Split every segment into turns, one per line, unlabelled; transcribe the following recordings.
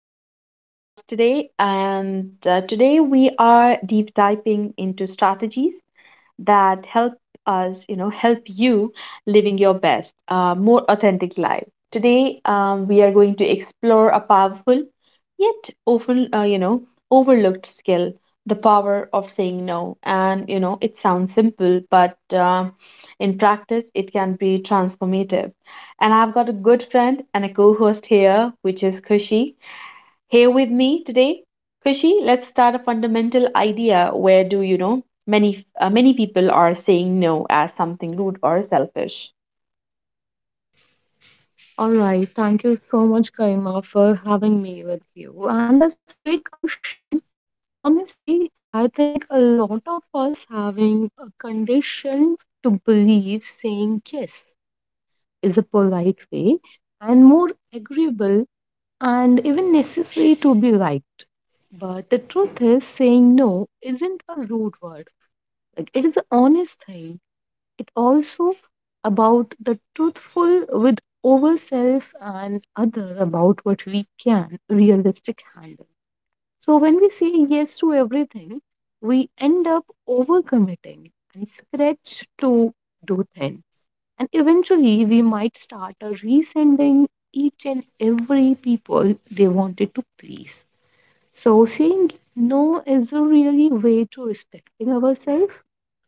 Living podcast today. And today we are deep diving into strategies that help us help you living your best, more authentic life. Today we are going to explore a powerful yet often overlooked skill, the power of saying no. And it sounds simple, but in practice it can be transformative. And I've got a good friend and a co host here, which is Kushi. Here with me today. Kushi, let's start a fundamental idea. Where do you know many many people are saying no as something rude or selfish?
All right. Thank you so much, Karima, for having me with you. And that's a great question. Honestly, I think a lot of us having a condition to believe saying yes is a polite way and more agreeable and even necessary to be liked. But the truth is, saying no isn't a rude word. Like it is an honest thing it also about the truthful with ourselves and other about we can realistic handle so when we say yes to everything we end up overcommitting and stretch to do thin and eventually we might start a resenting each and every people they wanted to please so saying no is a really way to respecting ourselves,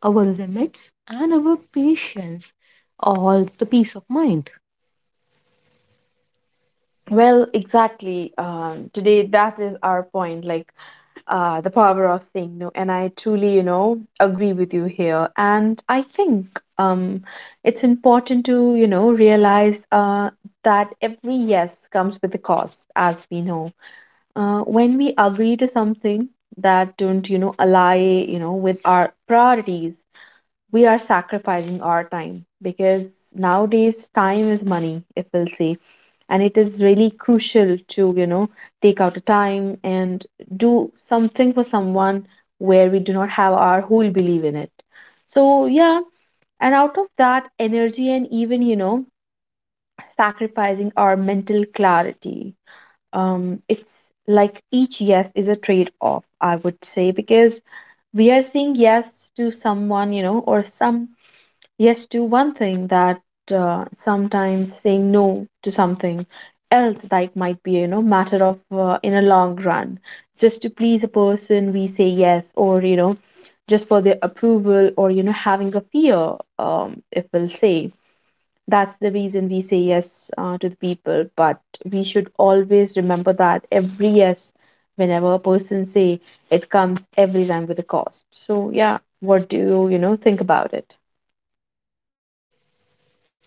our limits, and our patience or the peace of mind.
Well, exactly, today that is our point, like, ah, the power of saying no. And I truly agree with you here. And I think, um, it's important to, realize that every yes comes with a cost, as we know. When we agree to something that don't ally, with our priorities, we are sacrificing our time, because nowadays time is money, if we'll say, and it is really crucial to take out a time and do something for someone where we do not have our whole belief in it. So yeah. And out of that energy and even sacrificing our mental clarity, it's like each yes is a trade off, I would say, because we are saying yes to someone, or some yes to one thing that sometimes saying no to something else that might be, matter of in a long run, just to please a person we say yes, or just for their approval, or having a fear, if we'll say. That's the reason we say yes to the people, but we should always remember that every yes, whenever a person say, it comes every time with a cost. So yeah, what do you you know think about it?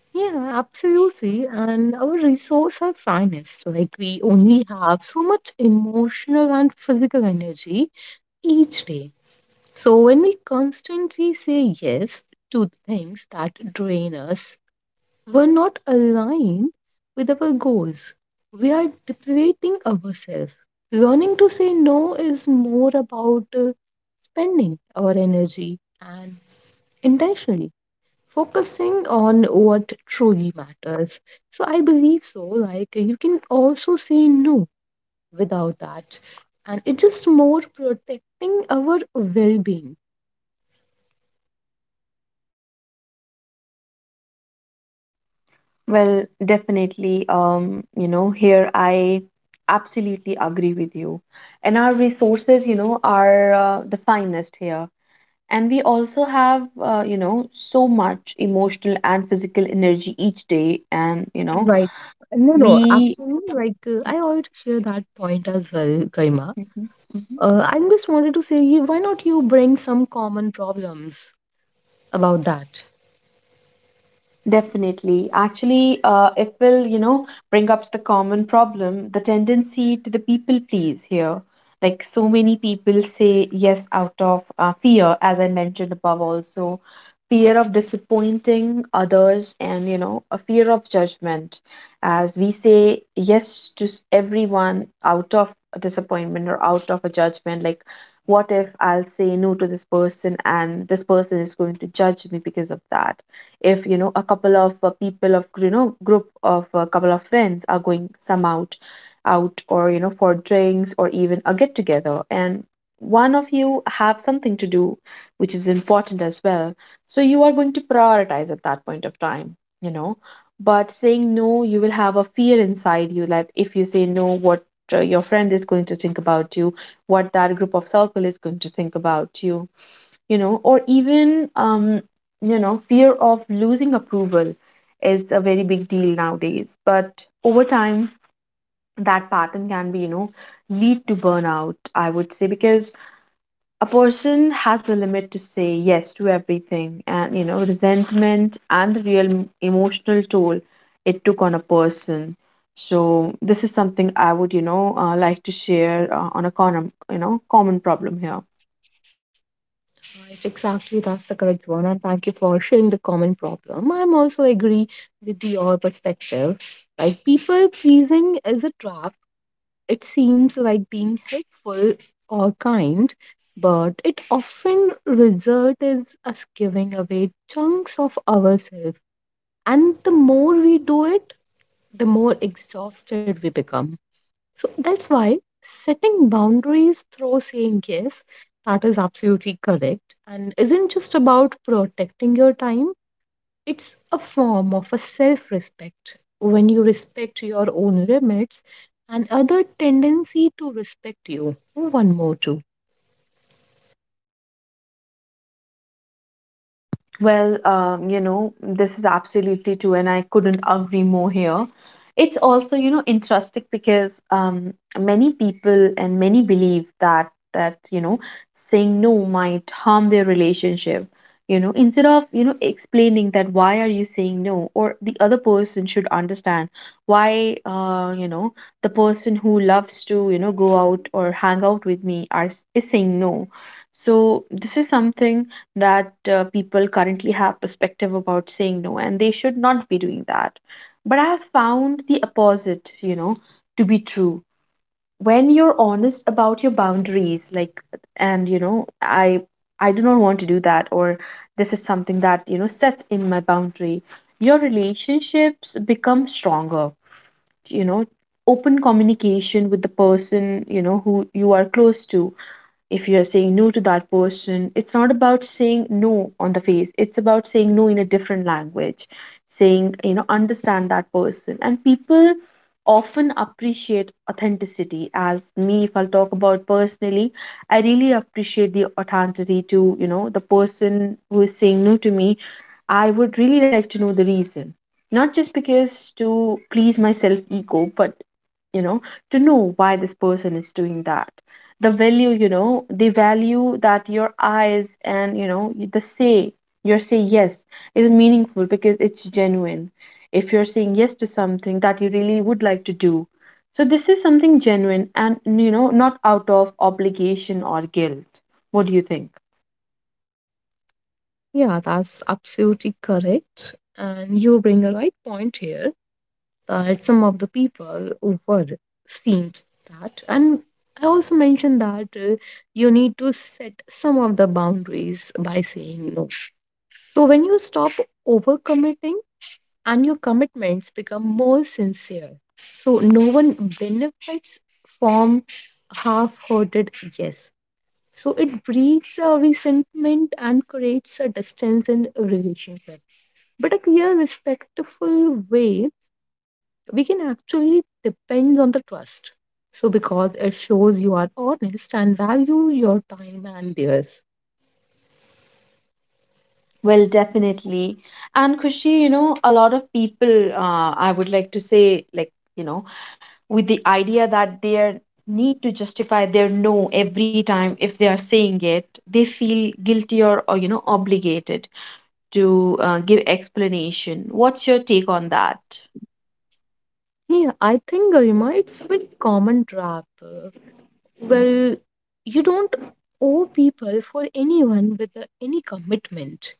Yeah, absolutely. And our resources are finest. Like we only have so much emotional and physical energy each day. So when we constantly say yes to things that drain us, were not aligned with our goals. We are depleting ourselves. Learning to say no is more about spending our energy and intentionally focusing on what truly matters. So I believe so. Like you can also say no without that, and it's just more protecting our well-being.
Well, definitely. Here I absolutely agree with you. And our resources, are the finest here. And we also have, so much emotional and physical energy each day. And,
Right. No, no,
we.
actually, like I already share that point as well, Karima.
Mhm.
I just wanted to say, why not you bring some common problems about that?
Definitely. Actually, it will, bring up the common problem, the tendency to the people please here. Like so many people say yes out of fear, as I mentioned above also, fear of disappointing others and, a fear of judgment. As we say yes to everyone out of a disappointment or out of a judgment, like what if I'll say no to this person and this person is going to judge me because of that? If a couple of people of, group of a couple of friends are going some out or for drinks or even a get together, and one of you have something to do which is important as well. So you are going to prioritize at that point of time, you know but saying no you will have a fear inside you that if you say no, what your friend is going to think about you, what that group of circle is going to think about you, or even, fear of losing approval is a very big deal nowadays. But over time, that pattern can be, lead to burnout, I would say, because a person has a limit to say yes to everything. And, resentment and the real emotional toll it took on a person. So this is something I would, like to share on a common problem here.
Right, exactly. That's the correct one. And thank you for sharing the common problem. I'm also agree with your perspective. Like people pleasing is a trap. It seems like being helpful or kind, but it often results is us giving away chunks of ourselves. And the more we do it, the more exhausted we become. So that's why setting boundaries through saying yes, that is absolutely correct, and isn't just about protecting your time, it's a form of a self respect. When you respect your own limits and other tendency to respect you. One more, too.
Well, this is absolutely true, and I couldn't agree more here. It's also, interesting because, many people and many believe that saying no might harm their relationship. Instead of, explaining that why are you saying no, or the other person should understand why, the person who loves to, go out or hang out with me are is saying no. So this is something that people currently have perspective about saying no and they should not be doing that, but I have found the opposite, to be true. When you're honest about your boundaries, like, and I do not want to do that, or this is something that sets in my boundary, your relationships become stronger, you know open communication with the person, who you are close to. If you're saying no to that person, it's not about saying no on the face. It's about saying no in a different language, saying, understand that person. And people often appreciate authenticity. As me, if I'll talk about personally, I really appreciate the authenticity to, the person who is saying no to me. I would really like to know the reason. Not just because to please my self ego, but, you know, to know why this person is doing that, the value that your eyes, and the say, your say yes, is meaningful because it's genuine. If you're saying yes to something that you really would like to do, so this is something genuine and, not out of obligation or guilt. What do you think?
Yeah, that's absolutely correct. And you bring a right point here, that some of the people were seems that and I also mentioned that you need to set some of the boundaries by saying no so when you stop overcommitting and your commitments become more sincere so no one benefits from half-hearted yes so it breeds a resentment and creates a distance in a relationship but a clear respectful way we can actually depends on the trust. So, because it shows you are honest and value your time and theirs.
Well definitely. And Kushi, a lot of people, I would like to say, like, you know with the idea that they need to justify their no every time, if they are saying it they feel guilty or obligated to give explanation. What's your take on that?
Yeah, I think Garima, it's a very common trap. Well, you don't owe people for anyone with any commitment.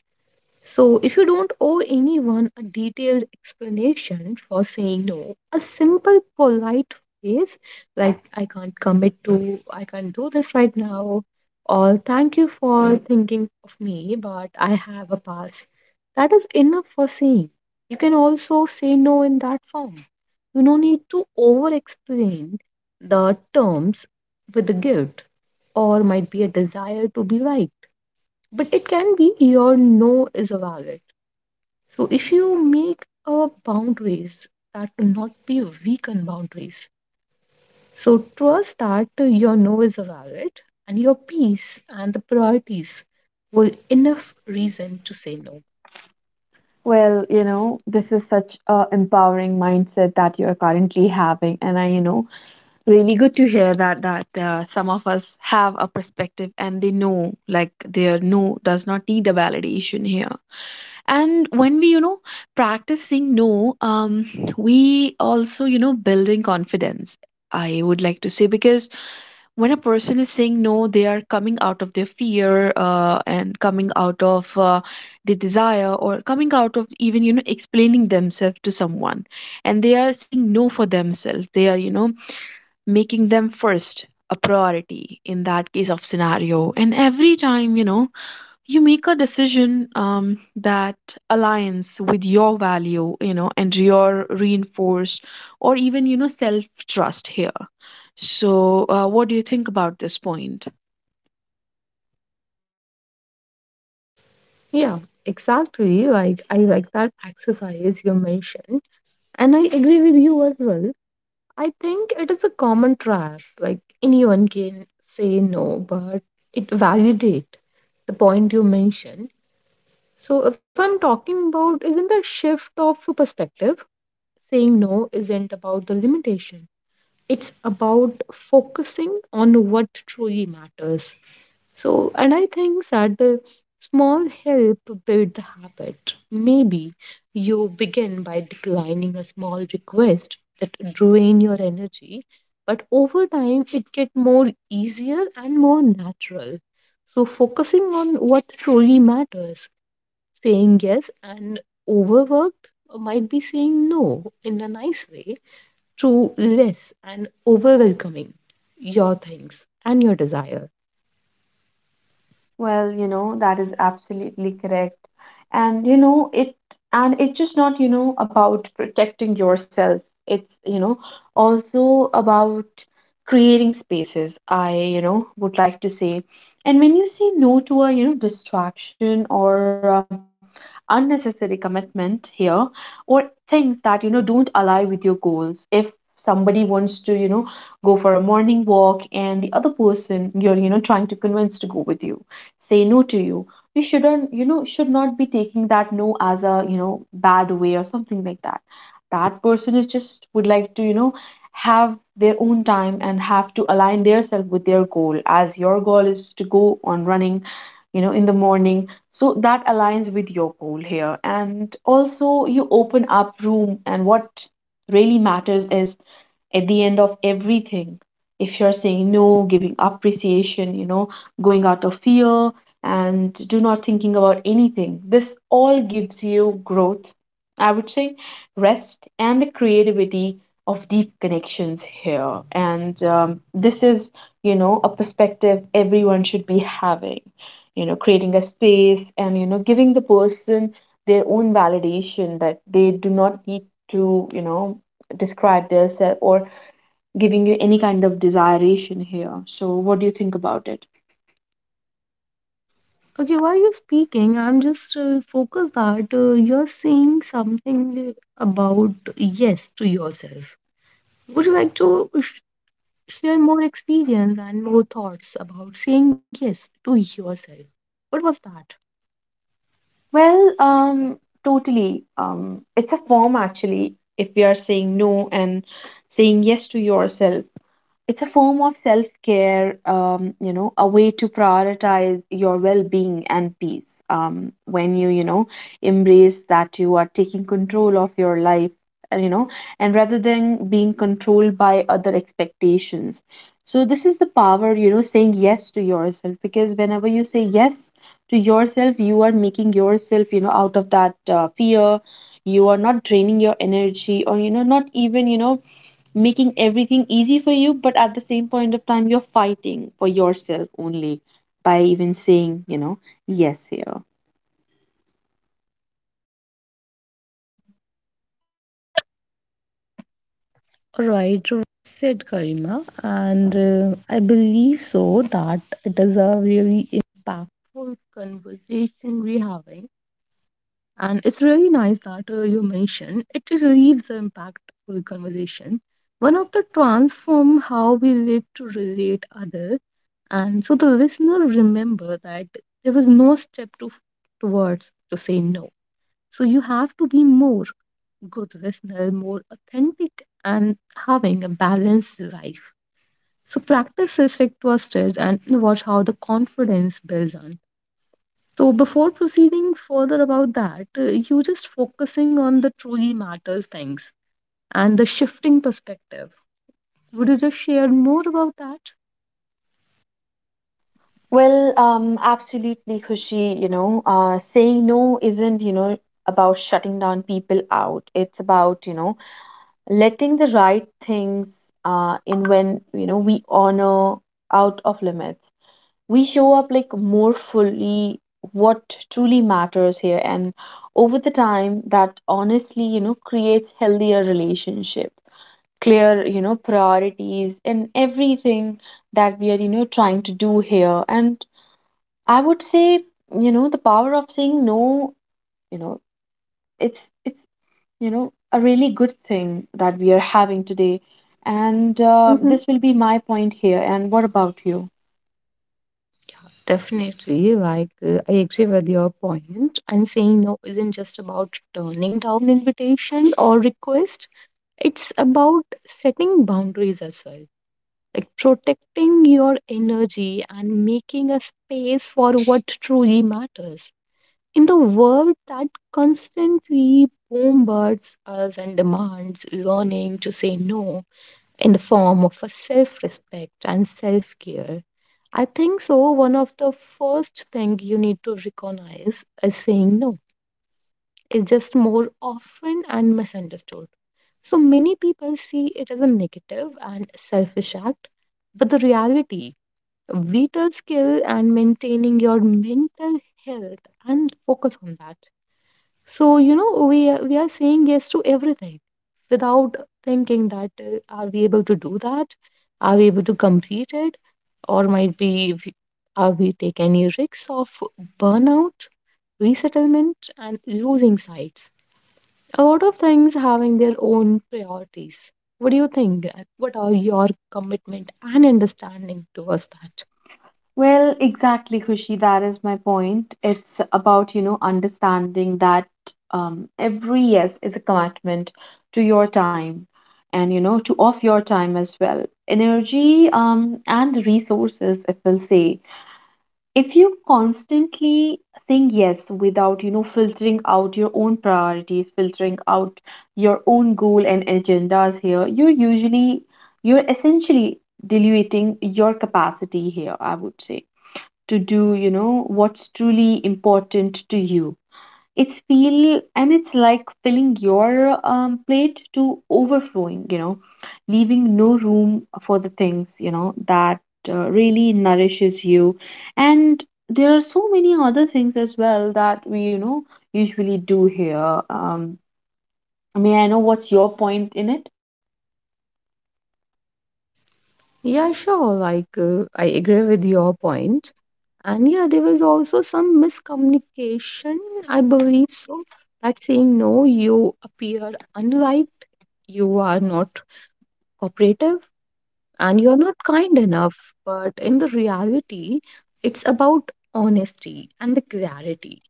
So, if you don't owe anyone a detailed explanation for saying no, a simple polite phrase like I can't commit to, I can't do this right now, or thank you for thinking of me, but I have a pass, that is enough for saying. You can also say no in that form. You no need to over explain the terms with the guilt or might be a desire to be liked but it can be your no is a valid. So if you make a boundaries that will not be weakened boundaries. So trust that your no is a valid and your peace and the priorities were enough reason to say no.
Well, this is such a empowering mindset that you're currently having, and I, really good to hear that, some of us have a perspective and they know, like, their no does not need a validation here. And when we, practice saying no, we also, building confidence, I would like to say, because when a person is saying no they are coming out of their fear, and coming out of the desire, or coming out of even, explaining themselves to someone, and they are saying no for themselves, they are, making them first a priority in that case of scenario. And every time, you make a decision, that aligns with your value, and your reinforced, or even, self trust here. So what do you think about this point?
Yeah, exactly. Like I like that exercise you mentioned. And I agree with you as well. I think it is a common trap. Like anyone can say no, but it validate the point you mentioned. So if I'm talking about isn't a shift of perspective, saying no isn't about the limitation. It's about focusing on what truly matters. So, and I think that the small help build the habit. Maybe you begin by declining a small request that drain your energy, but over time it get more easier and more natural. So, focusing on what truly matters, saying yes and overworked might be saying no in a nice way to less and overwhelming your things and your desires.
Well, that is absolutely correct. And you know, it and it's just not, about protecting yourself. It's, also about creating spaces, I, would like to say. And when you say no to a, distraction or, unnecessary commitment here, or things that, don't align with your goals. If somebody wants to, go for a morning walk and the other person you're, trying to convince to go with you say no to you, we shouldn't you know should not be taking that no as a, bad way or something like that. That person is just would like to, have their own time and have to align themselves with their goal, as your goal is to go on running, in the morning. So that aligns with your goal here, and also you open up room, and what really matters is at the end of everything, if you're saying no, giving appreciation, going out of fear, and do not thinking about anything, this all gives you growth, I would say, rest and the creativity of deep connections here. And, this is, a perspective everyone should be having, creating a space and, giving the person their own validation that they do not need to, describe their self, or giving you any kind of desiration here. So, what do you think about it?
Okay, while you're speaking, I'm just focused that you're saying something about yes to yourself. Would you like to share more experience and more thoughts about saying yes to yourself? What was that?
Well, totally. It's a form actually. If we are saying no and saying yes to yourself, it's a form of self care, a way to prioritize your well being and peace. When you, embrace that you are taking control of your life, uh, you know, and rather than being controlled by other expectations. So, this is the power, saying yes to yourself, because whenever you say yes to yourself, you are making yourself, out of that fear. You are not draining your energy or, not even, making everything easy for you but at the same point of time you're fighting for yourself only by even saying yes here.
And it's really nice that you mentioned it leaves an impactful conversation. One of the transform how we live to relate other, and so the listener remember that there was no step to towards to say no. So you have to be more good listener, more authentic, and having a balanced life. So practice is like trusted and watch how the confidence builds on. So before proceeding further about that, you just focusing on the truly matters things and the shifting perspective. Would you just share more about that?
Well, absolutely, Khushi. Saying no isn't, about shutting down people out. It's about, letting the right things in. When we honor out of limits, we show up like more fully what truly matters here. And over the time, that honestly, creates healthier relationship, clear, priorities and everything that we are, trying to do here. And I would say, the power of saying no, you know it's a really good thing that we are having today. And
Hmm.
this will be my point here. And what about you?
Definitely, like I agree with your point, and saying no isn't just about turning down invitation or request. It's about setting boundaries as well, like protecting your energy and making a space for what truly matters. In the world that constantly bombards us and demands learning to say no in the form of a self respect and self care, I think so. One of the first things you need to recognize is saying no is just more often and misunderstood. So many people see it as a negative and selfish act, but the reality, vital skill and maintaining your mental health and focus on that. So, you know, we are saying yes to everything without thinking that are we able to do that? Are we able to complete it? Or might be, are we take any risks of burnout, resettlement, and losing sites? A lot of things having their own priorities. What do you think? And what are your commitment and understanding towards that?
Well, exactly, Khushi. That is my point. It's about, understanding that every yes is a commitment to your time and, to of your time as well. Energy and resources, if we'll say. If you constantly saying yes without, filtering out your own priorities, filtering out your own goal and agendas here, you're usually, you're essentially diluting your capacity here, I would say, to do what's truly important to you. It's feel and it's like filling your plate to overflowing, leaving no room for the things that really nourishes you. And there are so many other things as well that we, usually do here. I mean I know what's your point in it.
Yeah, sure. Like, I agree with your point. And yeah, there was also some miscommunication, I believe so, that saying no, you appear unliked, you are not cooperative, and you're not kind enough. But in the reality, it's about honesty and the clarity.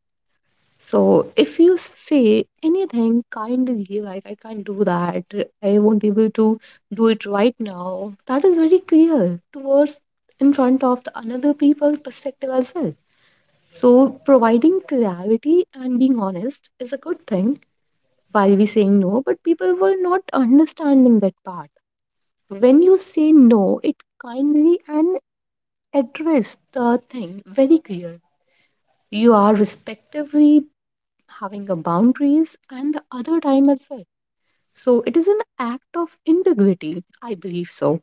So if you say anything kindly, like I can't do that, I won't be able to do it right now, that is very clear towards in front of the another people perspective as well so, providing clarity and being honest is a good thing while we saying no, but people were not understanding that part. When you say no, it kindly and address the thing very clear. You are respectively having a boundaries and the other time as well. So it is an act of integrity, I believe so.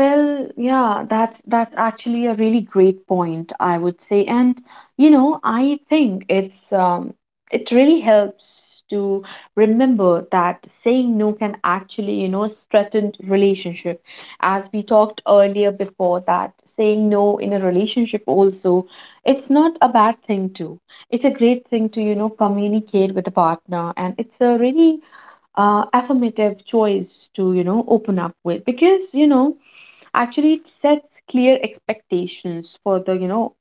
Well, yeah, that's actually a really great point, I would say. And I think it's it really helps to remember that saying no can actually, strengthen relationship. As we talked earlier before, that saying no in a relationship also, it's not a bad thing too. It's a great thing to, communicate with a partner. And it's a really affirmative choice to, open up with. Because, actually it sets clear expectations for the,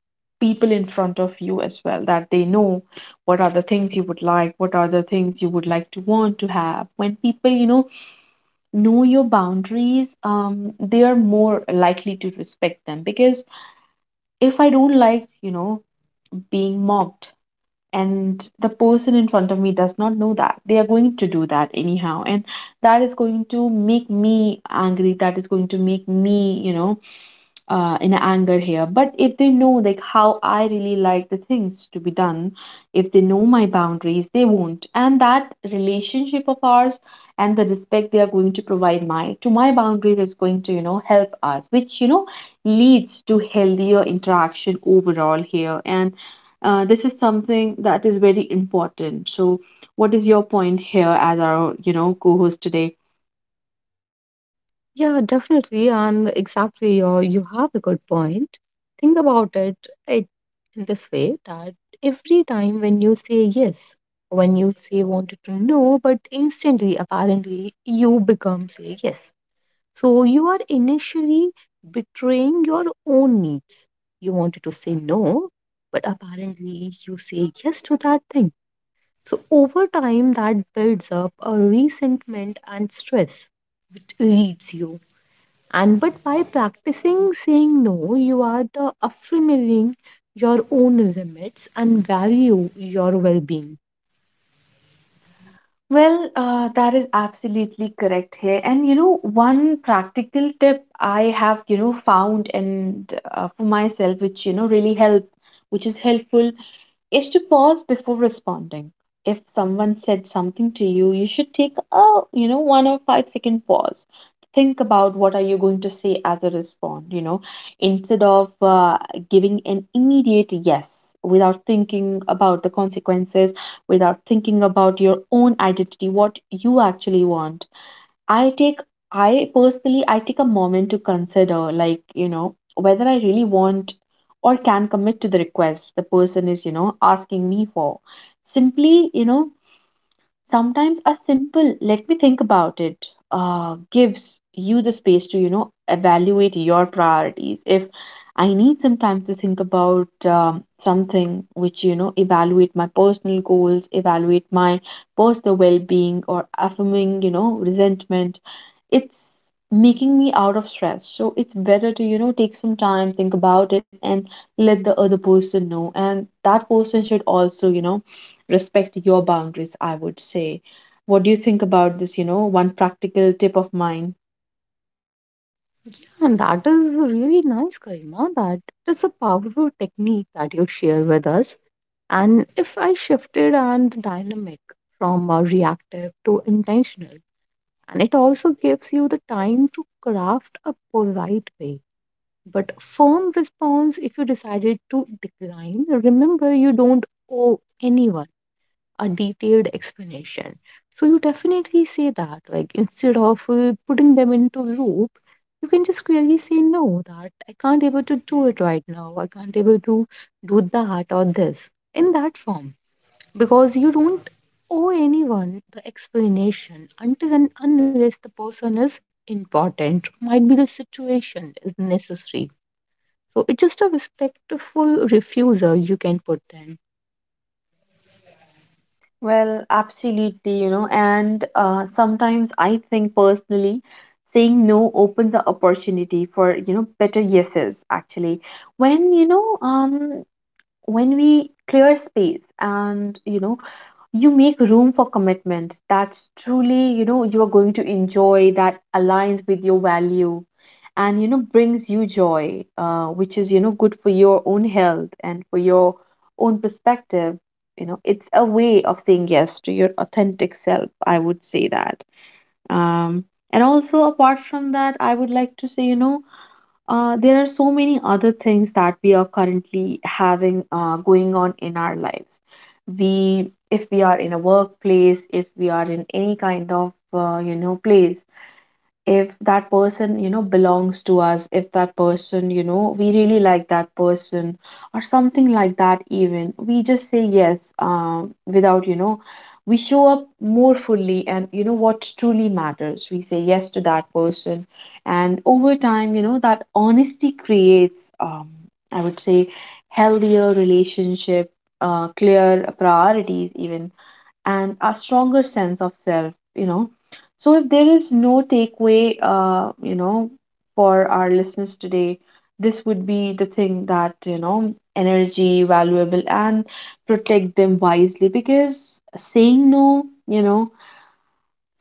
people in front of you as well, that they know what are the things you would like, what are the things you would like to want to have. When people, know your boundaries, they are more likely to respect them. Because if I don't like, being mocked, and the person in front of me does not know that, they are going to do that anyhow. And that is going to make me angry, that is going to make me, in anger here. But if they know like how I really like the things to be done, if they know my boundaries, they won't. And that relationship of ours and the respect they are going to provide my to my boundaries is going to, help us, which, leads to healthier interaction overall here. And this is something that is very important. So what is your point here as our, co-host today?
Yeah, definitely. And exactly, you have a good point. Think about it, it in this way that every time when you say yes, when you say wanted to know, but instantly, apparently, you become say yes. So you are initially betraying your own needs. You wanted to say no, but apparently you say yes to that thing. So over time, that builds up a resentment and stress which leads you and but by practicing saying no, you are the affirming your own limits and value your well-being.
Well, that is absolutely correct here. And one practical tip I have, found and for myself, which really help, which is helpful, is to pause before responding. If someone said something to you, you should take a, 1 or 5 second pause. Think about what are you going to say as a response, instead of giving an immediate yes without thinking about the consequences, without thinking about your own identity, what you actually want. I take I personally I take a moment to consider like, whether I really want or can commit to the request the person is, asking me for. Simply, sometimes a simple let me think about it gives you the space to, evaluate your priorities. If I need some time to think about something which, evaluate my personal goals, evaluate my personal well being, or affirming, resentment, it's making me out of stress. So it's better to, take some time, think about it and let the other person know. And that person should also, respect your boundaries, I would say. What do you think about this, one practical tip of mine?
And that is really nice, Karima. That is a powerful technique that you share with us. And if I shifted and the dynamic from a reactive to intentional, and it also gives you the time to craft a polite way. But firm response if you decided to decline, remember you don't owe anyone a detailed explanation. So you definitely say that, like instead of putting them into loop, you can just clearly say no, that I can't able to do it right now. I can't able to do that or this in that form because you don't owe anyone the explanation until and unless the person is important, might be the situation is necessary. So it's just a respectful refusal you can put then.
Well absolutely, and sometimes I think personally saying no opens the opportunity for, better yeses actually. When when we clear space and, you make room for commitments that's truly, you are going to enjoy, that aligns with your value and, brings you joy. Which is, good for your own health and for your own perspective. It's a way of saying yes to your authentic self, I would say that. um and also apart from that, I would like to say, there are so many other things that we are currently having going on in our lives. We, if we are in a workplace, if we are in any kind of place, if that person belongs to us, if that person, we really like that person or something like that, even we just say yes, without we show up more fully. And, what truly matters, we say yes to that person. And over time, that honesty creates I would say healthier relationship, clear priorities even, and a stronger sense of self, so if there is no takeaway, for our listeners today, this would be the thing, that energy valuable and protect them wisely. Because saying no,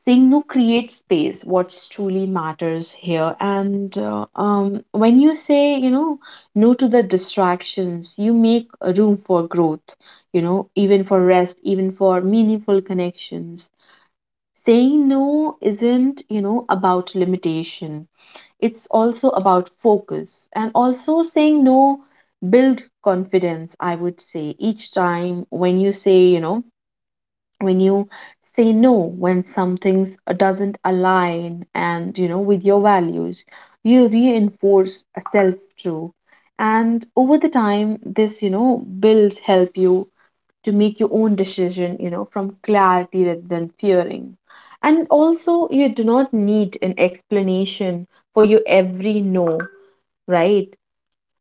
saying no creates space, what truly matters here. And when you say, no to the distractions, you make a room for growth, even for rest, even for meaningful connections. Saying no isn't, about limitation, it's also about focus. And also saying no build confidence, I would say. Each time when you say, when you say no, when something doesn't align and, with your values, you reinforce a self truth. And over the time, this, builds help you to make your own decision, from clarity rather than fearing. And also you do not need an explanation for your every no, right?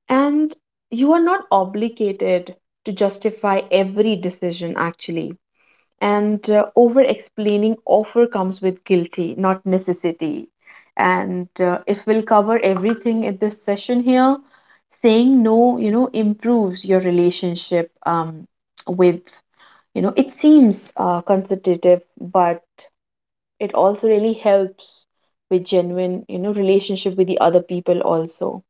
And you are not obligated to justify every decision actually. And over explaining offer comes with guilty not necessity. And if we'll cover everything in this session here, saying no, improves your relationship with, it seems consultative, but it also really helps with genuine, relationship with the other people also.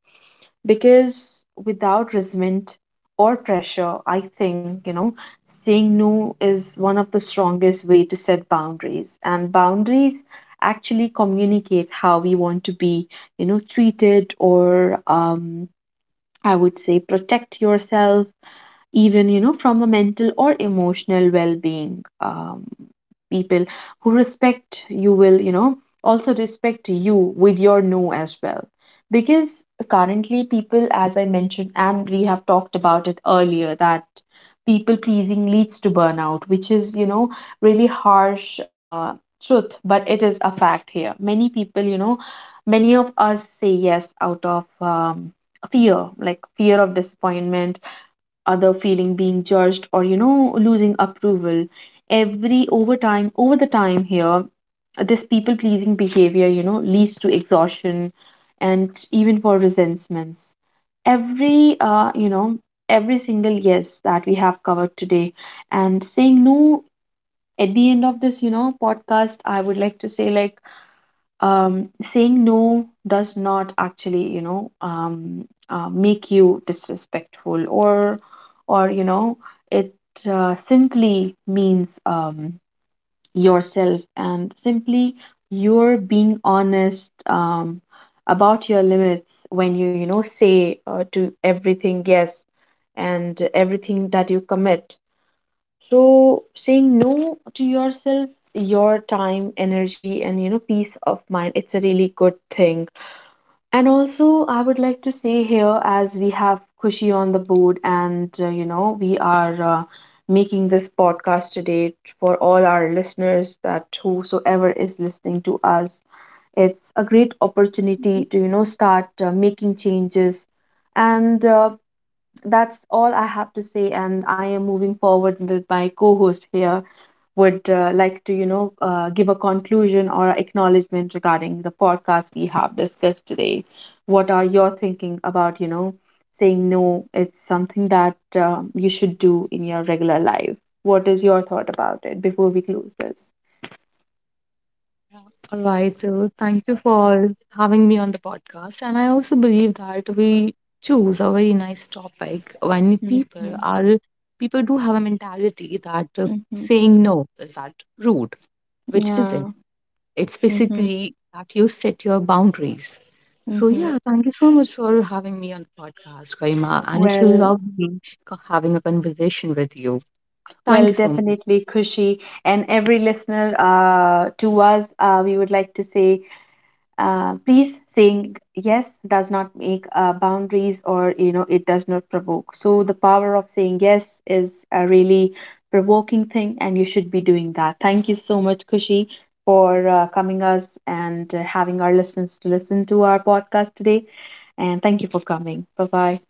Because without resentment or pressure, I think, saying no is one of the strongest way to set boundaries. And boundaries actually communicate how we want to be, treated or, I would say protect yourself, even, from a mental or emotional well-being. People who respect you will, also respect you with your no as well. Because currently people, as I mentioned and we have talked about it earlier, that people pleasing leads to burnout, which is, really harsh, truth. But it is a fact here. Many people, many of us say yes out of fear, like fear of disappointment, other feeling being judged or, losing approval. Every Over time, over the time here, this people pleasing behavior, leads to exhaustion and even for resentments, every every single yes that we have covered today. And saying no, at the end of this, podcast, I would like to say like, saying no does not actually, make you disrespectful or, it simply means yourself and simply you're being honest, about your limits. When you know say to everything yes, and everything that you commit. So saying no to yourself, your time, energy, and, peace of mind, it's a really good thing. And also, I would like to say here, as we have Kushi on the board, and, we are, making this podcast today for all our listeners, that whosoever is listening to us. It's a great opportunity to, start making changes. And that's all I have to say. And I am moving forward with my co host here. Would like to, give a conclusion or acknowledgement regarding the podcast we have discussed today. What are your thinking about, saying no? It's something that you should do in your regular life. What is your thought about it before we close this?
All right. Thank you for having me on the podcast. And I also believe that we choose a very nice topic when people
Mm-hmm.
are people do have a mentality that
Mm-hmm.
saying no is that rude, which isn't.
Yeah.
It's
Mm-hmm.
basically that you set your boundaries. So
Mm-hmm.
yeah, thank you so much for having me on the podcast, Karima. And it's
Well,
lovely having a conversation with you.
well,
Thank you so much.
definitely, Kushi, and every listener, to us, we would like to say, please, saying yes does not make, boundaries, or, it does not provoke. So the power of saying yes is a really provoking thing and you should be doing that. Thank you so much, Kushi, for coming us and having our listeners to listen to our podcast today. And thank you for coming. Bye bye.